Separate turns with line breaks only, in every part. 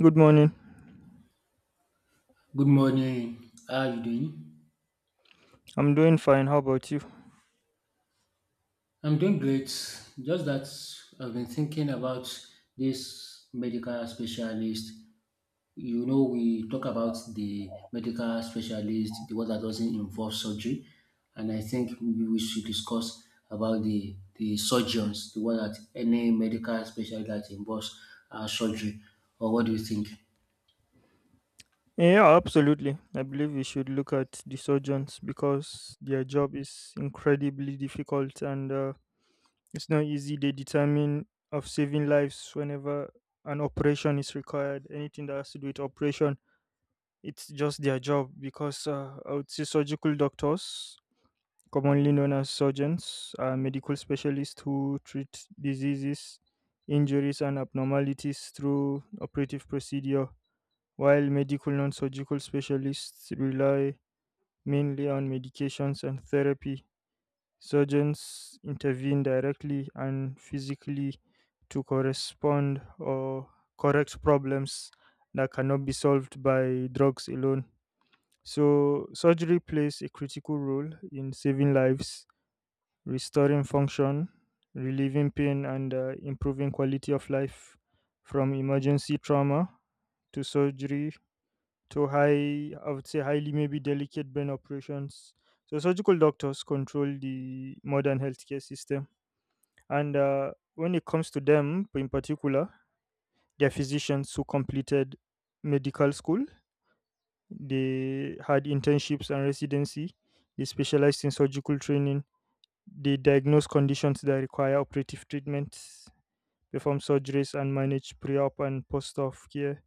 Good morning.
Good morning. How are you doing?
I'm doing fine. How about you?
I'm doing great. Just that I've been thinking about this medical specialist. You know, we talk about the medical specialist, the one that doesn't involve surgery, and I think maybe we should discuss about the surgeons, the one that any medical specialist that involves surgery. Or what do you think?
Yeah, absolutely. I believe we should look at the surgeons because their job is incredibly difficult and it's not easy. They determine of saving lives whenever an operation is required. Anything that has to do with operation, it's just their job because I would say surgical doctors, commonly known as surgeons, are medical specialists who treat diseases, injuries, and abnormalities through operative procedure. While medical non-surgical specialists rely mainly on medications and therapy, surgeons intervene directly and physically to correspond or correct problems that cannot be solved by drugs alone. So, surgery plays a critical role in saving lives, restoring function, relieving pain, and improving quality of life from emergency trauma to surgery to high, I would say, highly maybe delicate brain operations. So, surgical doctors control the modern healthcare system. And when it comes to them in particular, they're physicians who completed medical school, they had internships and residency, they specialized in surgical training, they diagnose conditions that require operative treatments, perform surgeries, and manage pre op and post op care.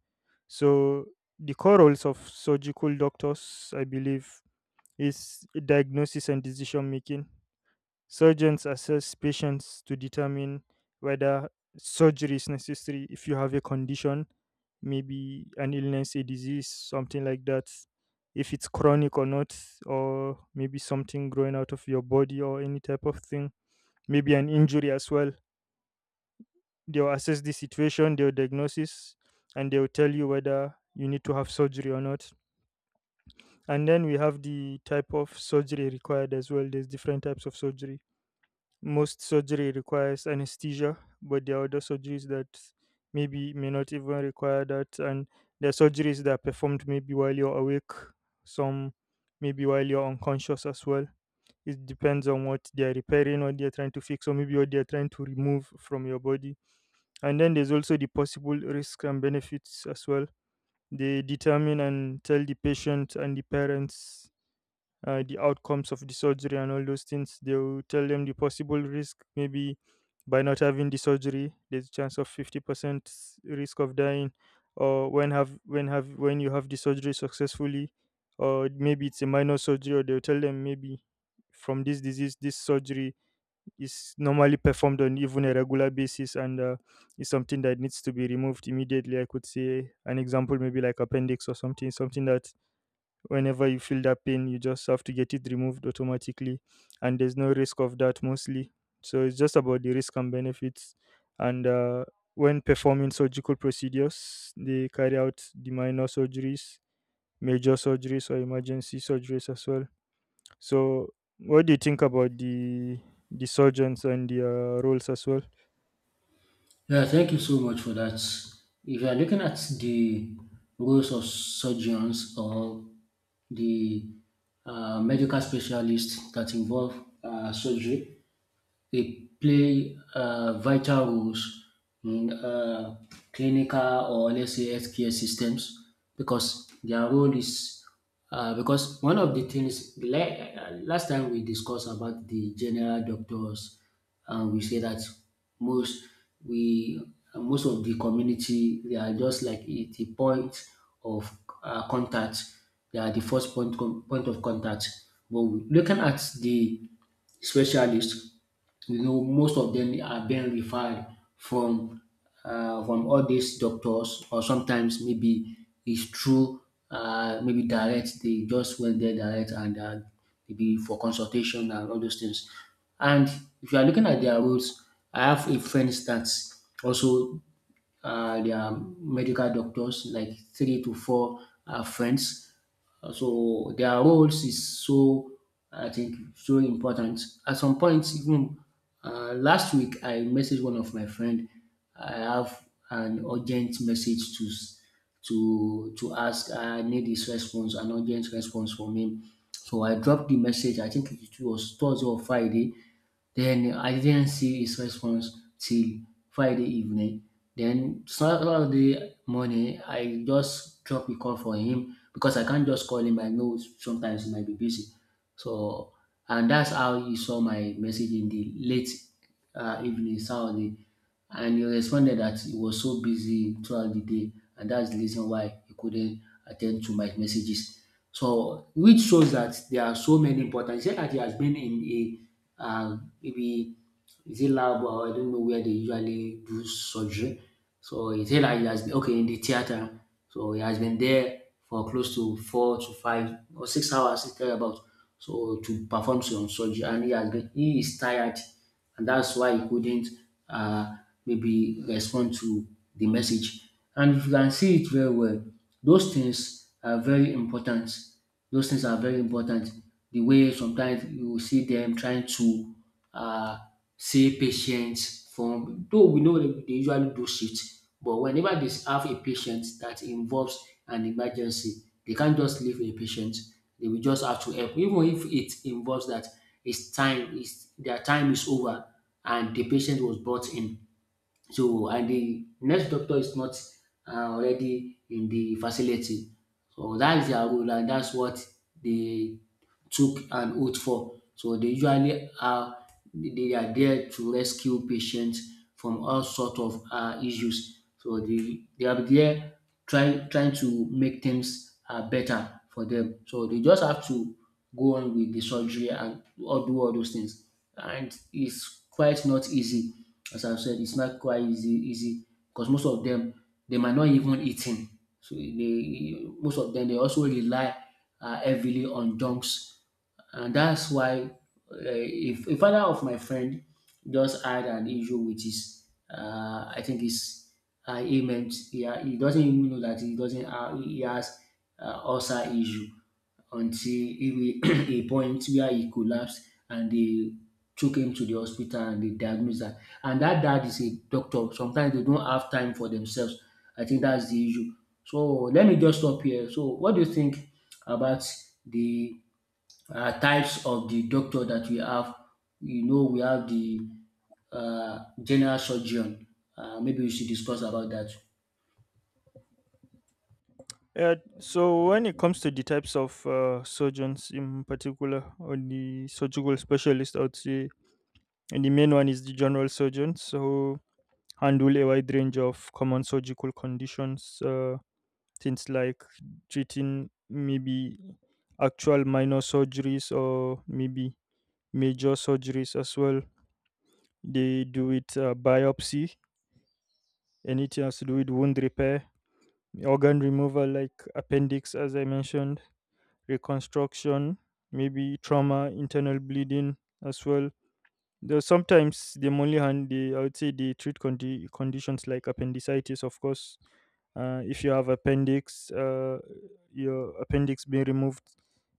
So, the core roles of surgical doctors, I believe, is diagnosis and decision making. Surgeons assess patients to determine whether surgery is necessary. If you have a condition, maybe an illness, a disease, something like that, if it's chronic or not, or maybe something growing out of your body or any type of thing, maybe an injury as well. They'll assess the situation, they'll diagnosis, and they'll tell you whether you need to have surgery or not. And then we have the type of surgery required as well. There's different types of surgery. Most surgery requires anesthesia, but there are other surgeries that maybe may not even require that. And there are surgeries that are performed maybe while you're awake, some maybe while you're unconscious as well. It depends on what they are repairing, what they are trying to fix, or maybe what they are trying to remove from your body. And then there's also the possible risks and benefits as well. They determine and tell the patient and the parents the outcomes of the surgery and all those things. They'll tell them the possible risk. Maybe by not having the surgery, there's a chance of 50% risk of dying, or when you have the surgery successfully, or maybe it's a minor surgery, or they'll tell them maybe from this disease, this surgery is normally performed on even a regular basis, and is something that needs to be removed immediately. I could say an example, maybe like appendix or something, something that whenever you feel that pain you just have to get it removed automatically, and there's no risk of that mostly. So it's just about the risk and benefits, and when performing surgical procedures they carry out the minor surgeries, major surgeries, or emergency surgeries as well. So what do you think about the surgeons and their roles as well?
Yeah, thank you so much for that. If you are looking at the roles of surgeons or the medical specialists that involve surgery, they play vital roles in clinical or let's say healthcare systems because their role is because one of the things last time we discussed about the general doctors and we say that most we most of the community they are just like the point of contact. They are the first point point of contact, but looking at the specialist, you know, most of them are being referred from from all these doctors, or sometimes maybe it's through maybe direct. They just went there direct and maybe for consultation and all those things. And if you are looking at their roles, I have a friend that also their medical doctors, like three to four friends. So their roles is so, I think, so important. At some point, even last week, I messaged one of my friend. I have an urgent message to to ask. I need his response, an urgent response from him. So I dropped the message. I think it was Thursday or Friday. Then I didn't see his response till Friday evening. Then Saturday morning, I just drop a call for him because I can't just call him. I know sometimes he might be busy. So, and that's how he saw my message in the late evening Saturday. And he responded that he was so busy throughout the day and that's the reason why he couldn't attend to my messages. So which shows that there are so many important. He said that he has been in a maybe is it lab or I don't know where they usually do surgery. So he said that he has been okay in the theater. So he has been there for close to 4 to 5 or 6 hours, it's about so to perform some surgery and he has been he is tired and that's why he couldn't uh, maybe respond to the message. And if you can see it very well, those things are very important. Those things are very important. The way sometimes you will see them trying to uh, save patients from, though we know they usually do shit, but whenever they have a patient that involves an emergency, they can't just leave a patient. They will just have to help, even if it involves that. His time, is. Their time is over, and the patient was brought in. So and the next doctor is not already in the facility. So dat is their role and dats what they took an oath for. So they usually are they are there to rescue patients from all sort of issues. So they are there trying to make things better for dem. So they just have to go on with the surgery and all do all those things and it's quite not easy. As I've said, it's not quite easy, easy because most of them they might not even eating. So they most of them they also rely heavily on junks, and that's why if a father of my friend just had an issue with his, I think his ailment. He doesn't even know that he doesn't have, he has ulcer issue until he a point where he collapsed and they took him to the hospital and they diagnosed that. And that dad is a doctor. Sometimes they don't have time for themselves. I think that's the issue. So let me just stop here. So what do you think about the types of the doctor that we have? You know, we have the general surgeon. Maybe we should discuss about that.
Yeah, so when it comes to the types of surgeons in particular, or the surgical specialist, I would say, and the main one is the general surgeons who handle a wide range of common surgical conditions, things like treating maybe actual minor surgeries or maybe major surgeries as well. They do it, biopsy, anything has to do with wound repair, organ removal like appendix, as I mentioned, reconstruction, maybe trauma, internal bleeding as well. Though sometimes the Molihan, they I would say they treat conditions like appendicitis, of course. If you have appendix, your appendix being removed,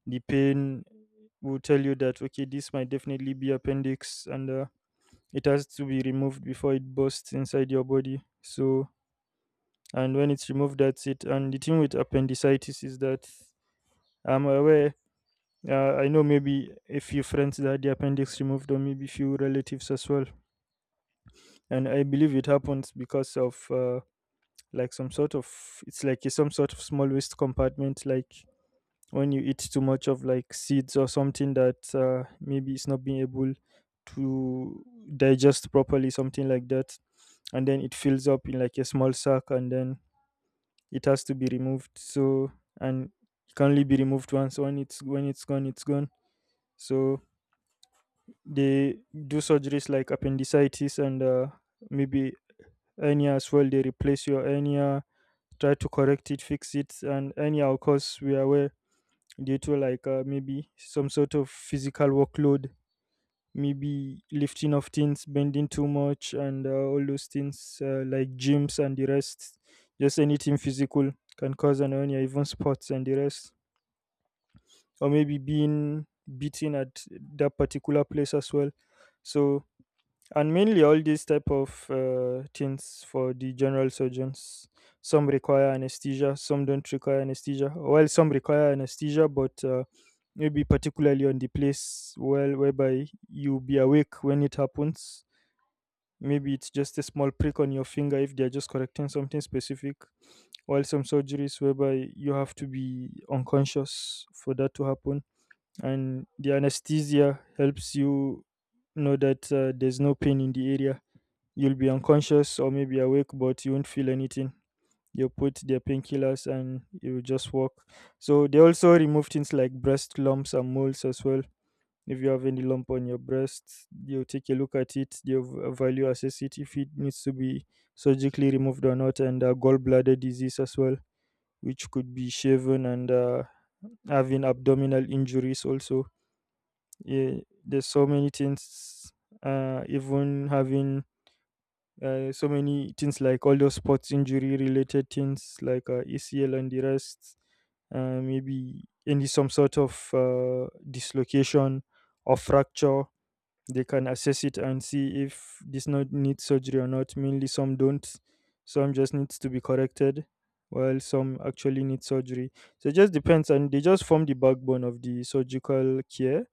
the pain will tell you that okay, this might definitely be appendix, and it has to be removed before it bursts inside your body. So, and when it's removed, that's it. And the thing with appendicitis is that I'm aware, I know maybe a few friends that had the appendix removed, or maybe few relatives as well. And I believe it happens because of like some sort of, it's like a, some sort of small waste compartment, like when you eat too much of like seeds or something that maybe it's not being able to digest properly, something like that, and then it fills up in like a small sack, and then it has to be removed. So and it can only be removed once. When it's gone, it's gone. So they do surgeries like appendicitis, and maybe hernia as well. They replace your hernia, try to correct it, fix it. And hernia, of course, we are aware, due to like maybe some sort of physical workload, maybe lifting of things, bending too much, and all those things like gyms and the rest. Just anything physical can cause an hernia, even sports and the rest, or maybe being beaten at that particular place as well. So and mainly all these type of things for the general surgeons, some require anesthesia, some don't require anesthesia. Well, some require anesthesia, but maybe particularly on the place well whereby you be awake when it happens, maybe it's just a small prick on your finger if they're just correcting something specific, while some surgeries whereby you have to be unconscious for that to happen. And the anesthesia helps you know that there's no pain in the area. You'll be unconscious or maybe awake, but you won't feel anything. You put their painkillers and you just walk. So they also remove things like breast lumps and moles as well. If you have any lump on your breast, they'll take a look at it. They'll value assess it if it needs to be surgically removed or not, and gallbladder disease as well, which could be shaven, and having abdominal injuries also. Yeah, there's so many things. Even having so many things like all those sports injury related things like ACL and the rest, maybe any some sort of dislocation or fracture, they can assess it and see if this not needs surgery or not. Mainly some don't. Some just needs to be corrected, while some actually need surgery. So it just depends, and they just form the backbone of the surgical care,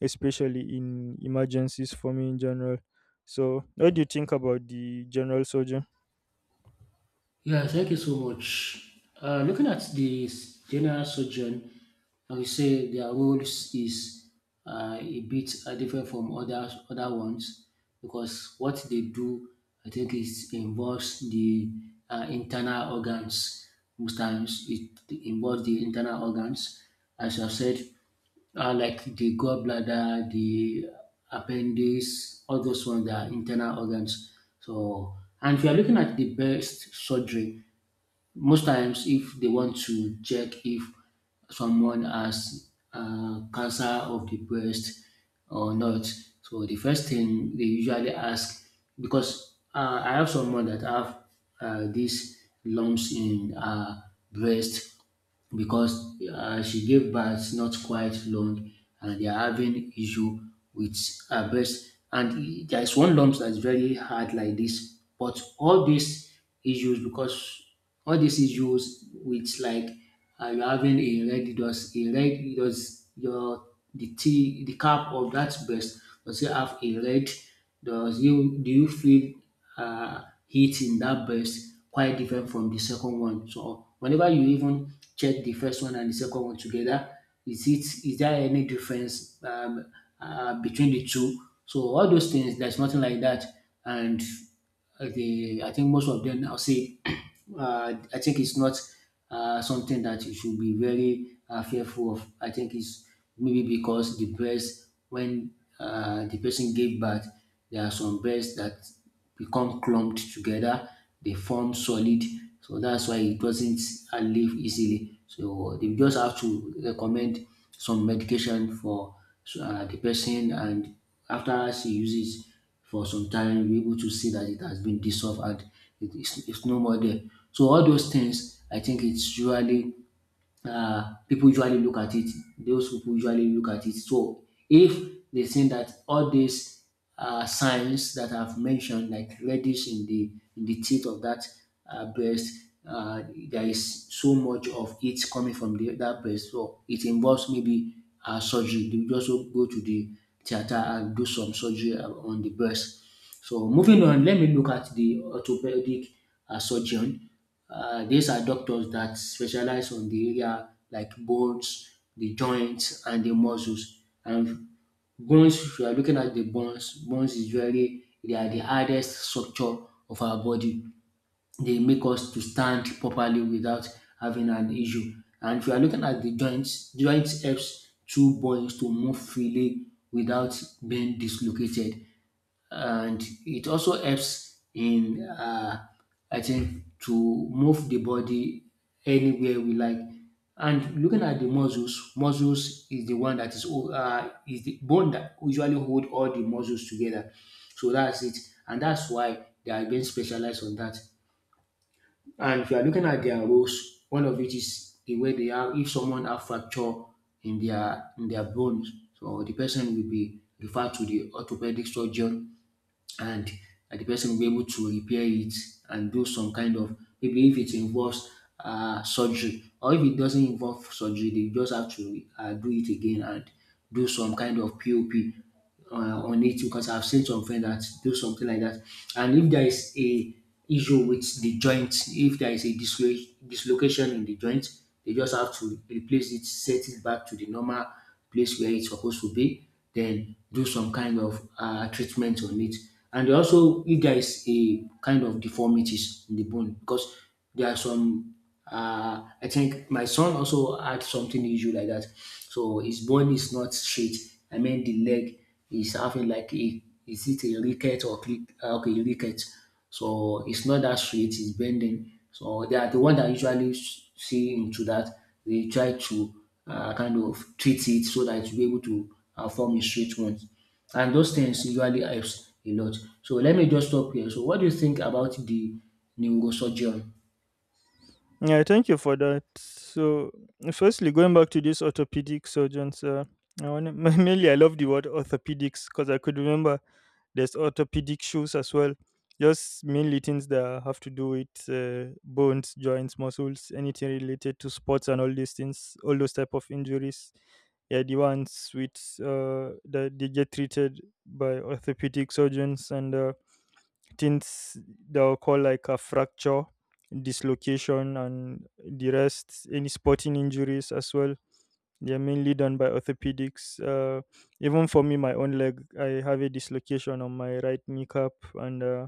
especially in emergencies for me in general. So what do you think about the general surgeon?
Yeah, thank you so much. Looking at the general surgeon, I would say their roles is a bit different from other ones because what they do, I think, is involves the internal organs. Most times, it involves the internal organs, as I said. Like the gallbladder, the appendix, all those ones they are internal organs. So, and if you are looking at the best surgery, most times if they want to check if someone has cancer of the breast or not, so the first thing they usually ask because I have someone that have these lumps in her breast because she gave birth not quite long and they are having issue with her breast and there is one lump that is very hard like this but all these issues because all these issues with like you're having a red does your the tea the cap of that breast, does it have a red, does you do you feel heat in that breast quite different from the second one. So whenever you even check the first one and the second one together, is it is there any difference between the two? So all those things, there's nothing like that. And the I think most of them I'll say I think it's not something that you should be very fearful of. I think it's maybe because the breast when the person gave birth, there are some breasts that become clumped together, they form solid. So that's why it doesn't leave easily. So they just have to recommend some medication for the person, and after she uses for some time, you're able to see that it has been dissolved and it is it's no more there. So all those things, I think it's usually people usually look at it, those people usually look at it. So if they think that all these signs that I've mentioned, like reddish in the teeth of that breast, uh, there is so much of it coming from the, that breast. So it involves maybe surgery. They will just go to the theater and do some surgery on the breast. So moving on, let me look at the orthopedic surgeon. These are doctors that specialize on the area like bones, the joints, and the muscles. And bones, if you are looking at the bones, bones is very they are the hardest structure of our body. They make us to stand properly without having an issue. And if you are looking at the joints, joints helps two bones to move freely without being dislocated and it also helps in I think to move the body anywhere we like. And looking at the muscles, muscles is the one that is is the bone that usually hold all the muscles together. So that's it, and that's why they are being specialized on that. And if you are looking at their roles, one of it is the way they are. If someone have fracture in their bones, so the person will be referred to the orthopedic surgeon and the person will be able to repair it and do some kind of maybe if it involves surgery or if it doesn't involve surgery they just have to do it again and do some kind of pop on it because I've seen some friends that do something like that. And if there is a issue with the joint, if there is a dislocation in the joint, they just have to replace it, set it back to the normal place where it's supposed to be, then do some kind of treatment on it. And also, if there is a kind of deformities in the bone, because there are some, I think my son also had something issue like that. So his bone is not straight. I mean, the leg is having like a, is it a ricket or click? Okay, ricket. So it's not that straight, it's bending. So they are the one that usually see into that. They try to kind of treat it so that it will be able to form a straight one. And those things usually helps a lot. So let me just stop here. So what do you think about the neurosurgeon?
Yeah, thank you for that. So, firstly, going back to this orthopedic surgeons, I wanna, mainly I love the word orthopedics because I could remember there's orthopedic shoes as well. Just mainly things that have to do with bones, joints, muscles, anything related to sports and all these things, all those type of injuries. Yeah, the ones which that they get treated by orthopedic surgeons and. Things they'll call like a fracture, dislocation, and the rest, any sporting injuries as well. They're mainly done by orthopedics. Even for me, my own leg, I have a dislocation on my right kneecap, and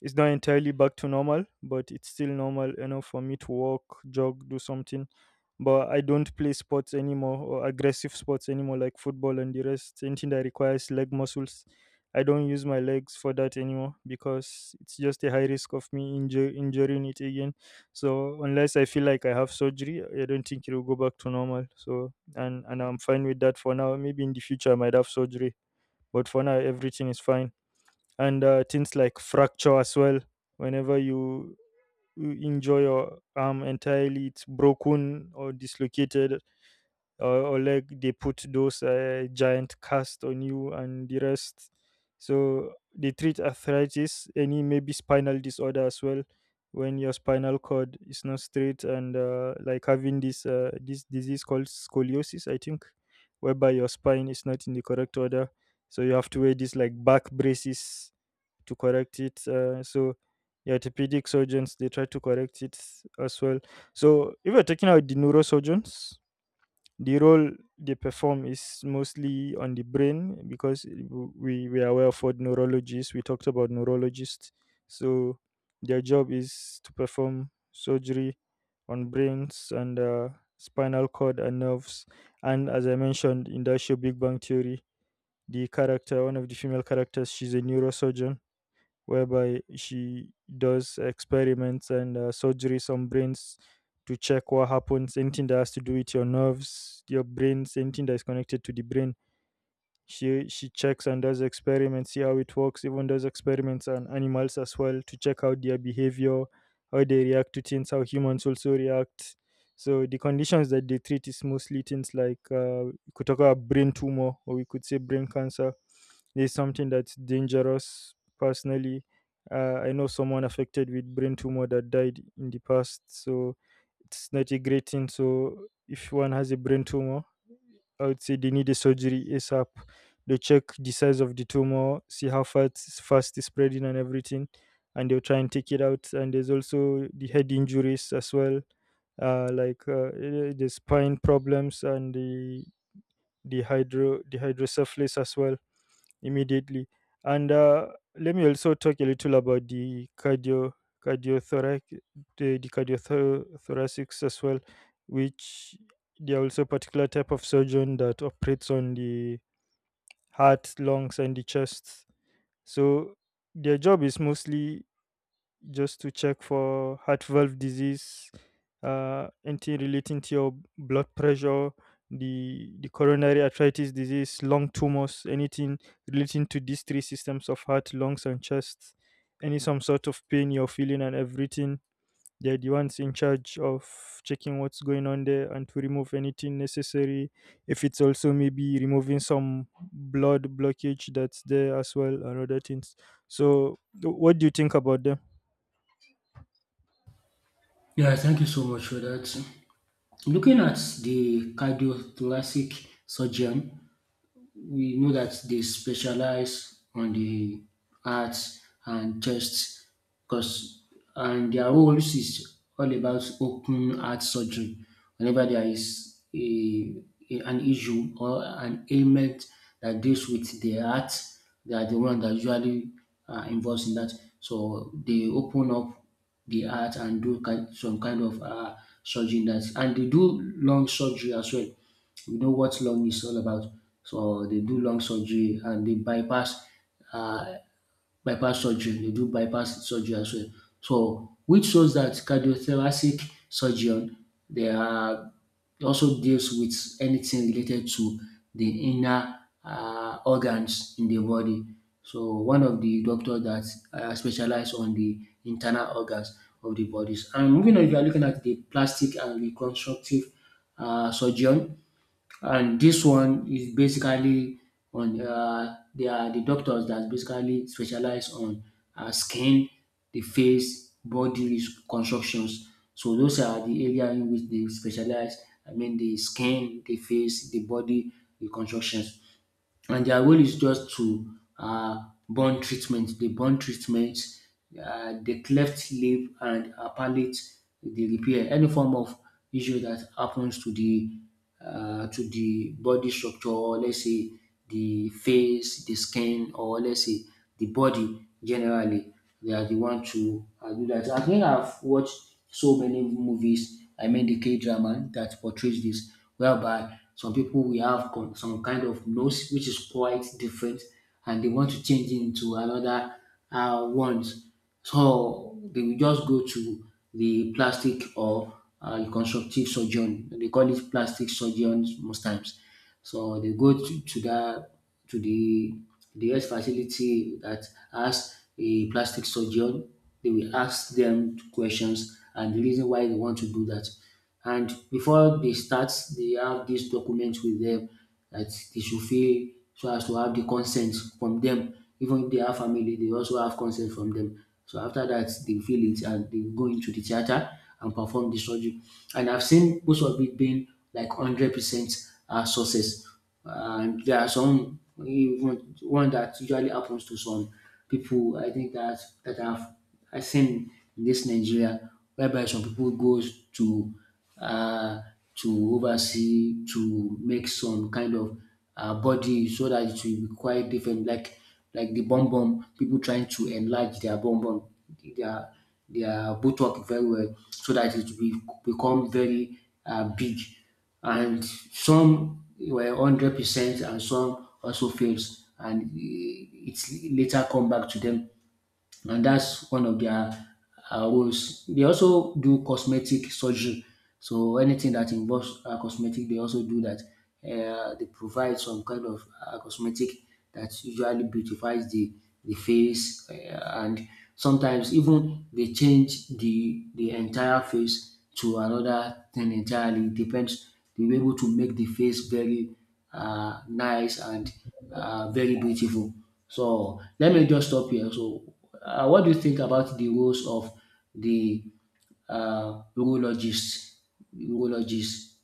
it's not entirely back to normal, but it's still normal enough for me to walk, jog, do something, but I don't play sports anymore or aggressive sports anymore, like football and the rest, anything that requires leg muscles. I don't use my legs for that anymore because it's just a high risk of me injuring it again. So unless I feel like I have surgery, I don't think it will go back to normal. So and I'm fine with that for now. Maybe in the future I might have surgery, but for now everything is fine. And things like fracture as well. Whenever you injure your arm entirely, it's broken or dislocated or like they put those giant cast on you and the rest, so they treat arthritis, any maybe spinal disorder as well when your spinal cord is not straight, and like having this disease called scoliosis, I think, whereby your spine is not in the correct order, so you have to wear these like back braces to correct it, so the orthopedic surgeons, they try to correct it as well. So if you're talking about the neurosurgeons, the role they perform is mostly on the brain, because we are well of neurologists, we talked about neurologists. So their job is to perform surgery on brains, and spinal cord and nerves. And as I mentioned, in that show Big Bang Theory, the character, one of the female characters, she's a neurosurgeon, whereby she does experiments and surgeries on brains to check what happens, anything that has to do with your nerves, your brains, anything that is connected to the brain. She checks and does experiments, see how it works, even does experiments on animals as well, to check out their behavior, how they react to things, how humans also react. So the conditions that they treat is mostly things like, we could talk about brain tumor, or we could say brain cancer. It's something that's dangerous. Personally, I know someone affected with brain tumor that died in the past, so it's not a great thing. So if one has a brain tumor, I would say they need a surgery ASAP. They check the size of the tumor, see how fast it's spreading and everything, and they'll try and take it out. And there's also the head injuries as well, the spine problems, and the hydrocephalus as well, immediately. And let me also talk a little about the cardiothorac cardiothoracics as well, which they are also a particular type of surgeon that operates on the heart, lungs, and the chest. So their job is mostly just to check for heart valve disease, anything relating to your blood pressure, the coronary arthritis disease, lung tumors, anything relating to these three systems of heart, lungs, and chest, any some sort of pain you're feeling and everything. They're the ones in charge of checking what's going on there and to remove anything necessary. If it's also maybe removing some blood blockage that's there as well and other things. So, what do you think about them?
Yeah, thank you so much for that. Looking at the cardiothoracic surgeon, we know that they specialize on the arts and chest because and their roles is all about open heart surgery whenever there is an issue or an ailment that deals with the heart. They are the one that usually are involved in that, so they open up the heart and do some kind of surgery in that, and they do lung surgery as well. We know what lung is all about. So they do lung surgery and they bypass uh, bypass surgery. They do bypass surgery as well. So which shows that cardiothoracic surgeon, they are also deals with anything related to the inner organs in the body. So one of the doctor that specialize on the internal organs of the bodies. And moving on, if you are looking at the plastic and reconstructive surgeon, and this one is basically on they are the doctors that basically specialize on skin, the face, body constructions. So those are the area in which they specialize. I mean the skin, the face, the body, the constructions, and their role is just to burn treatment. They burn treatment, they cleft lip and palate, they repair any form of issue that happens to the body structure, or let's say the face, the skin, or let's say the body generally. They are the one to do that. I think I've watched so many movies this. I mean the K drama that portrays this, whereby some people will have some kind of nose which is quite different, and they want to change it into another ones. So they will just go to the plastic or reconstructive surgeon. They call it plastic surgeons most times. So they go to that to the health facility that has a plastic surgeon. They will ask them questions and the reason why they want to do that. And before they start, they have this document with them that they should fill so as to have the consent from them. Even if they have family, they also have consent from them. So after that, they fill it and they go into the theater and perform the surgery. And I've seen most of it being like 100% success, and there are some even one that usually happens to some people. I think that I've I seen in this Nigeria whereby some people goes uh, to oversee to make some kind of body so that it will be quite different, like the bum bum, people trying to enlarge their bum bum, their their buttock very well so that it will be, become very big. And some were 100% and some also failed, and it's later come back to them. And that's one of their roles. They also do cosmetic surgery, so anything that involves cosmetic, they also do that. They provide some kind of cosmetic that usually beautifies the face, and sometimes even they change the entire face to another thing entirely. It depends. They were able to make the face very nice and very beautiful. So let me just stop here. So what do you think about the roles of the urologist? Urologist.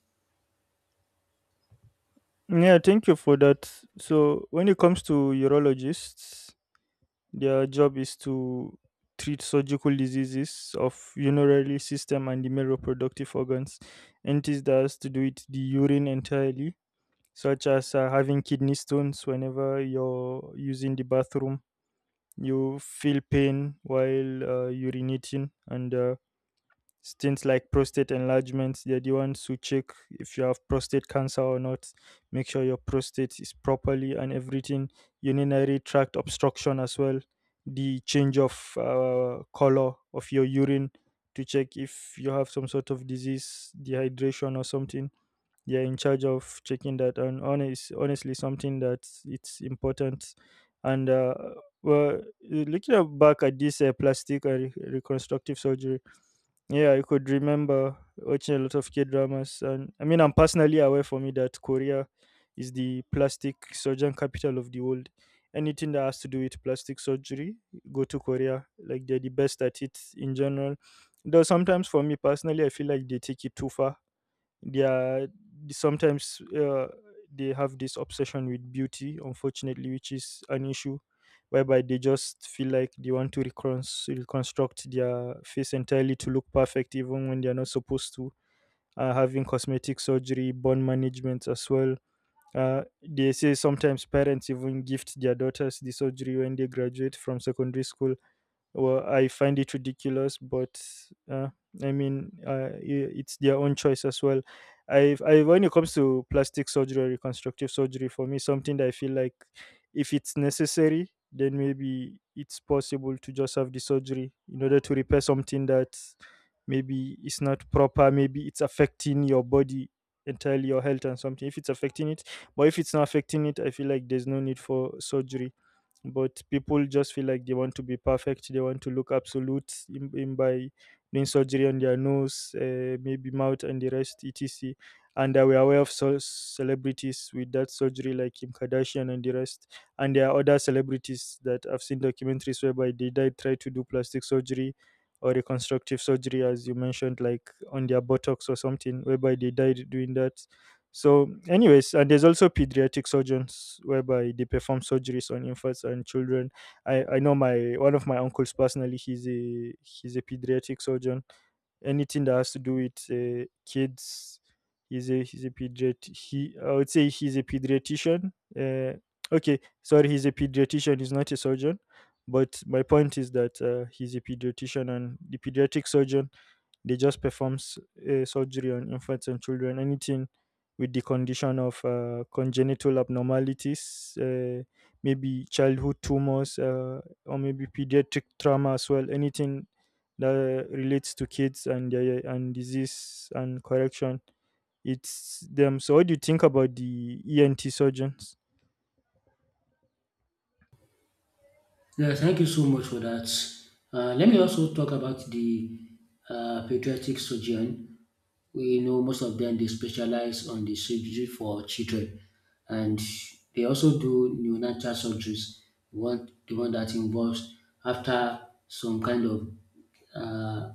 Yeah, thank you for that. So, when it comes to urologists, their job is to treat surgical diseases of urinary system and the male reproductive organs. Entities that has to do with the urine entirely, such as having kidney stones. Whenever you're using the bathroom, you feel pain while urinating, and things like prostate enlargement. They're the ones who check if you have prostate cancer or not, make sure your prostate is properly and everything, urinary tract obstruction as well, the change of color of your urine, to check if you have some sort of disease, dehydration or something. They're in charge of checking that, and honestly, something that it's important. And well, looking at back at this reconstructive surgery, yeah, I could remember watching a lot of K dramas, and I mean, I'm personally aware for me that Korea is the plastic surgeon capital of the world. Anything that has to do with plastic surgery, go to Korea. Like they're the best at it in general. Though sometimes for me personally, I feel like they take it too far. They are sometimes, they have this obsession with beauty, unfortunately, which is an issue, whereby they just feel like they want to reconstruct their face entirely to look perfect even when they are not supposed to. Uh, having cosmetic surgery, bone management as well. They say sometimes parents even gift their daughters the surgery when they graduate from secondary school. Well, I find it ridiculous, but uh, I mean, it's their own choice as well. I, when it comes to plastic surgery or reconstructive surgery, for me, something that I feel like, if it's necessary, then maybe it's possible to just have the surgery in order to repair something that maybe it's not proper, maybe it's affecting your body entirely, your health and something, if it's affecting it. But if it's not affecting it, I feel like there's no need for surgery. But people just feel like they want to be perfect, they want to look absolute in, by doing surgery on their nose, maybe mouth and the rest, etc. And we're aware of celebrities with that surgery, like Kim Kardashian and the rest. And there are other celebrities that I've seen documentaries whereby they died try to do plastic surgery or reconstructive surgery as you mentioned, like on their buttocks or something, whereby they died doing that. So, anyways, and there's also pediatric surgeons whereby they perform surgeries on infants and children. I know my one of my uncles personally. He's a pediatric surgeon, anything that has to do with kids. He's a pediat. He I would say he's a pediatrician. Uh, okay, sorry, he's a pediatrician. He's not a surgeon. But my point is that he's a pediatrician, and the pediatric surgeon, they just performs surgery on infants and children. Anything with the condition of congenital abnormalities, maybe childhood tumors, or maybe pediatric trauma as well. Anything that relates to kids and their and disease and correction. It's them. So, what do you think about the ENT surgeons?
Yes, thank you so much for that. Let me also talk about the pediatric surgeon. We know most of them they specialize on the surgery for children, and they also do neonatal surgeries. One, the one that involves after some kind of uh,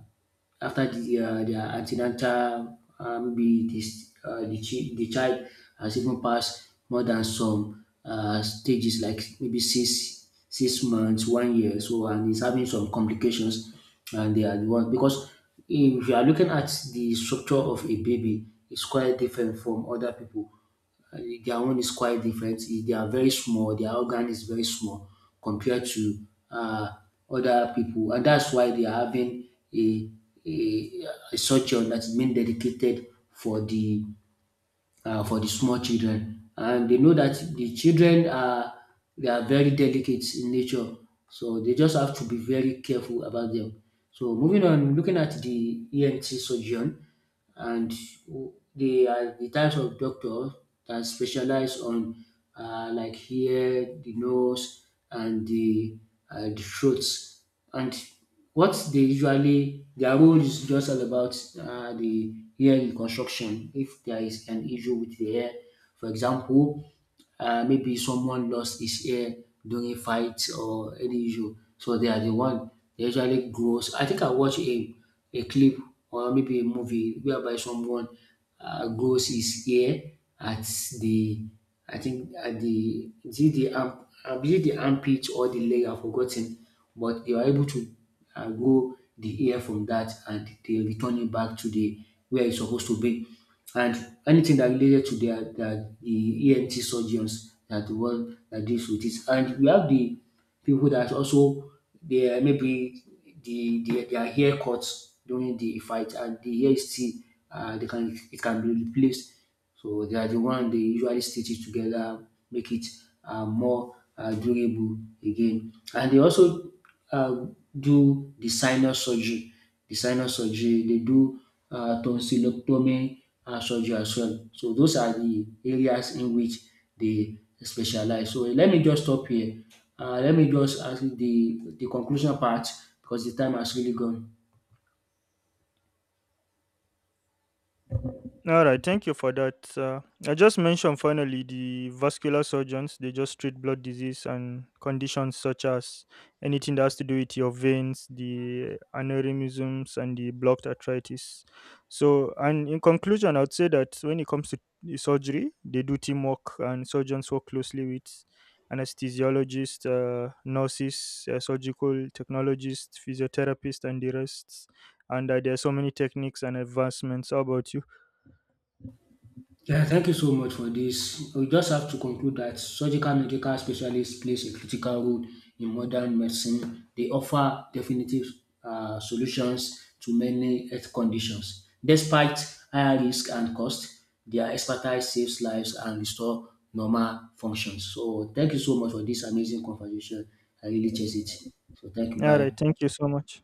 after the, their antenatal be this, the, chi- the child has even passed more than some stages, like maybe six months, one year so, and is having some complications. And they are the one because if you are looking at the structure of a baby, it's quite different from other people. Uh, their own is quite different. Eh, they are very small. Their organ is very small compared to uh, other people, and that's why they are having a, a, a surgeon that's been dedicated for the for the small children. And they know that the children are they are very delicate in nature, so they just have to be very careful about them. So moving on, looking at the ENT surgeon, and they are the types of doctors that specialize on like here the nose and the throats, and what they usually their role is just all about the hair reconstruction if there is an issue with the hair. For example, maybe someone lost his hair during fight or any issue, so they are the one they usually grows. I think I watched a clip or maybe a movie whereby someone grows his hair at the I think at the is it the arm is it the armpit or the leg, I've forgotten, but they were able to grow the hair from that and they return it back to the where it's supposed to be. And anything that related to the ENT surgeons that the one that deals with it. And we have the people that also they are maybe their hair cuts during the fight, and the hair is still they can it can be replaced. So they are the one they usually stitch it together, make it more durable again. And they also uh, do the sinus surgery. The sinus surgery, they do tonsillectomy surgery as well. So those are the areas in which they specialize. So let me just stop here. Let me just ask the conclusion part because the time has really gone.
All right, thank you for that. I just mentioned finally the vascular surgeons, they just treat blood disease and conditions such as anything that has to do with your veins, the aneurysms, and the blocked arthritis. So, and in conclusion, I would say that when it comes to the surgery, they do teamwork, and surgeons work closely with anesthesiologists, nurses, surgical technologists, physiotherapists, and the rest. And there are so many techniques and advancements. How about you?
Yeah, thank you so much for this. We just have to conclude that surgical medical specialists plays a critical role in modern medicine. They offer definitive solutions to many health conditions. Despite higher risk and cost, their expertise saves lives and restore normal functions. So thank you so much for this amazing conversation. I really cherish it. So thank you.
Alright,
Bye.
thank you so much.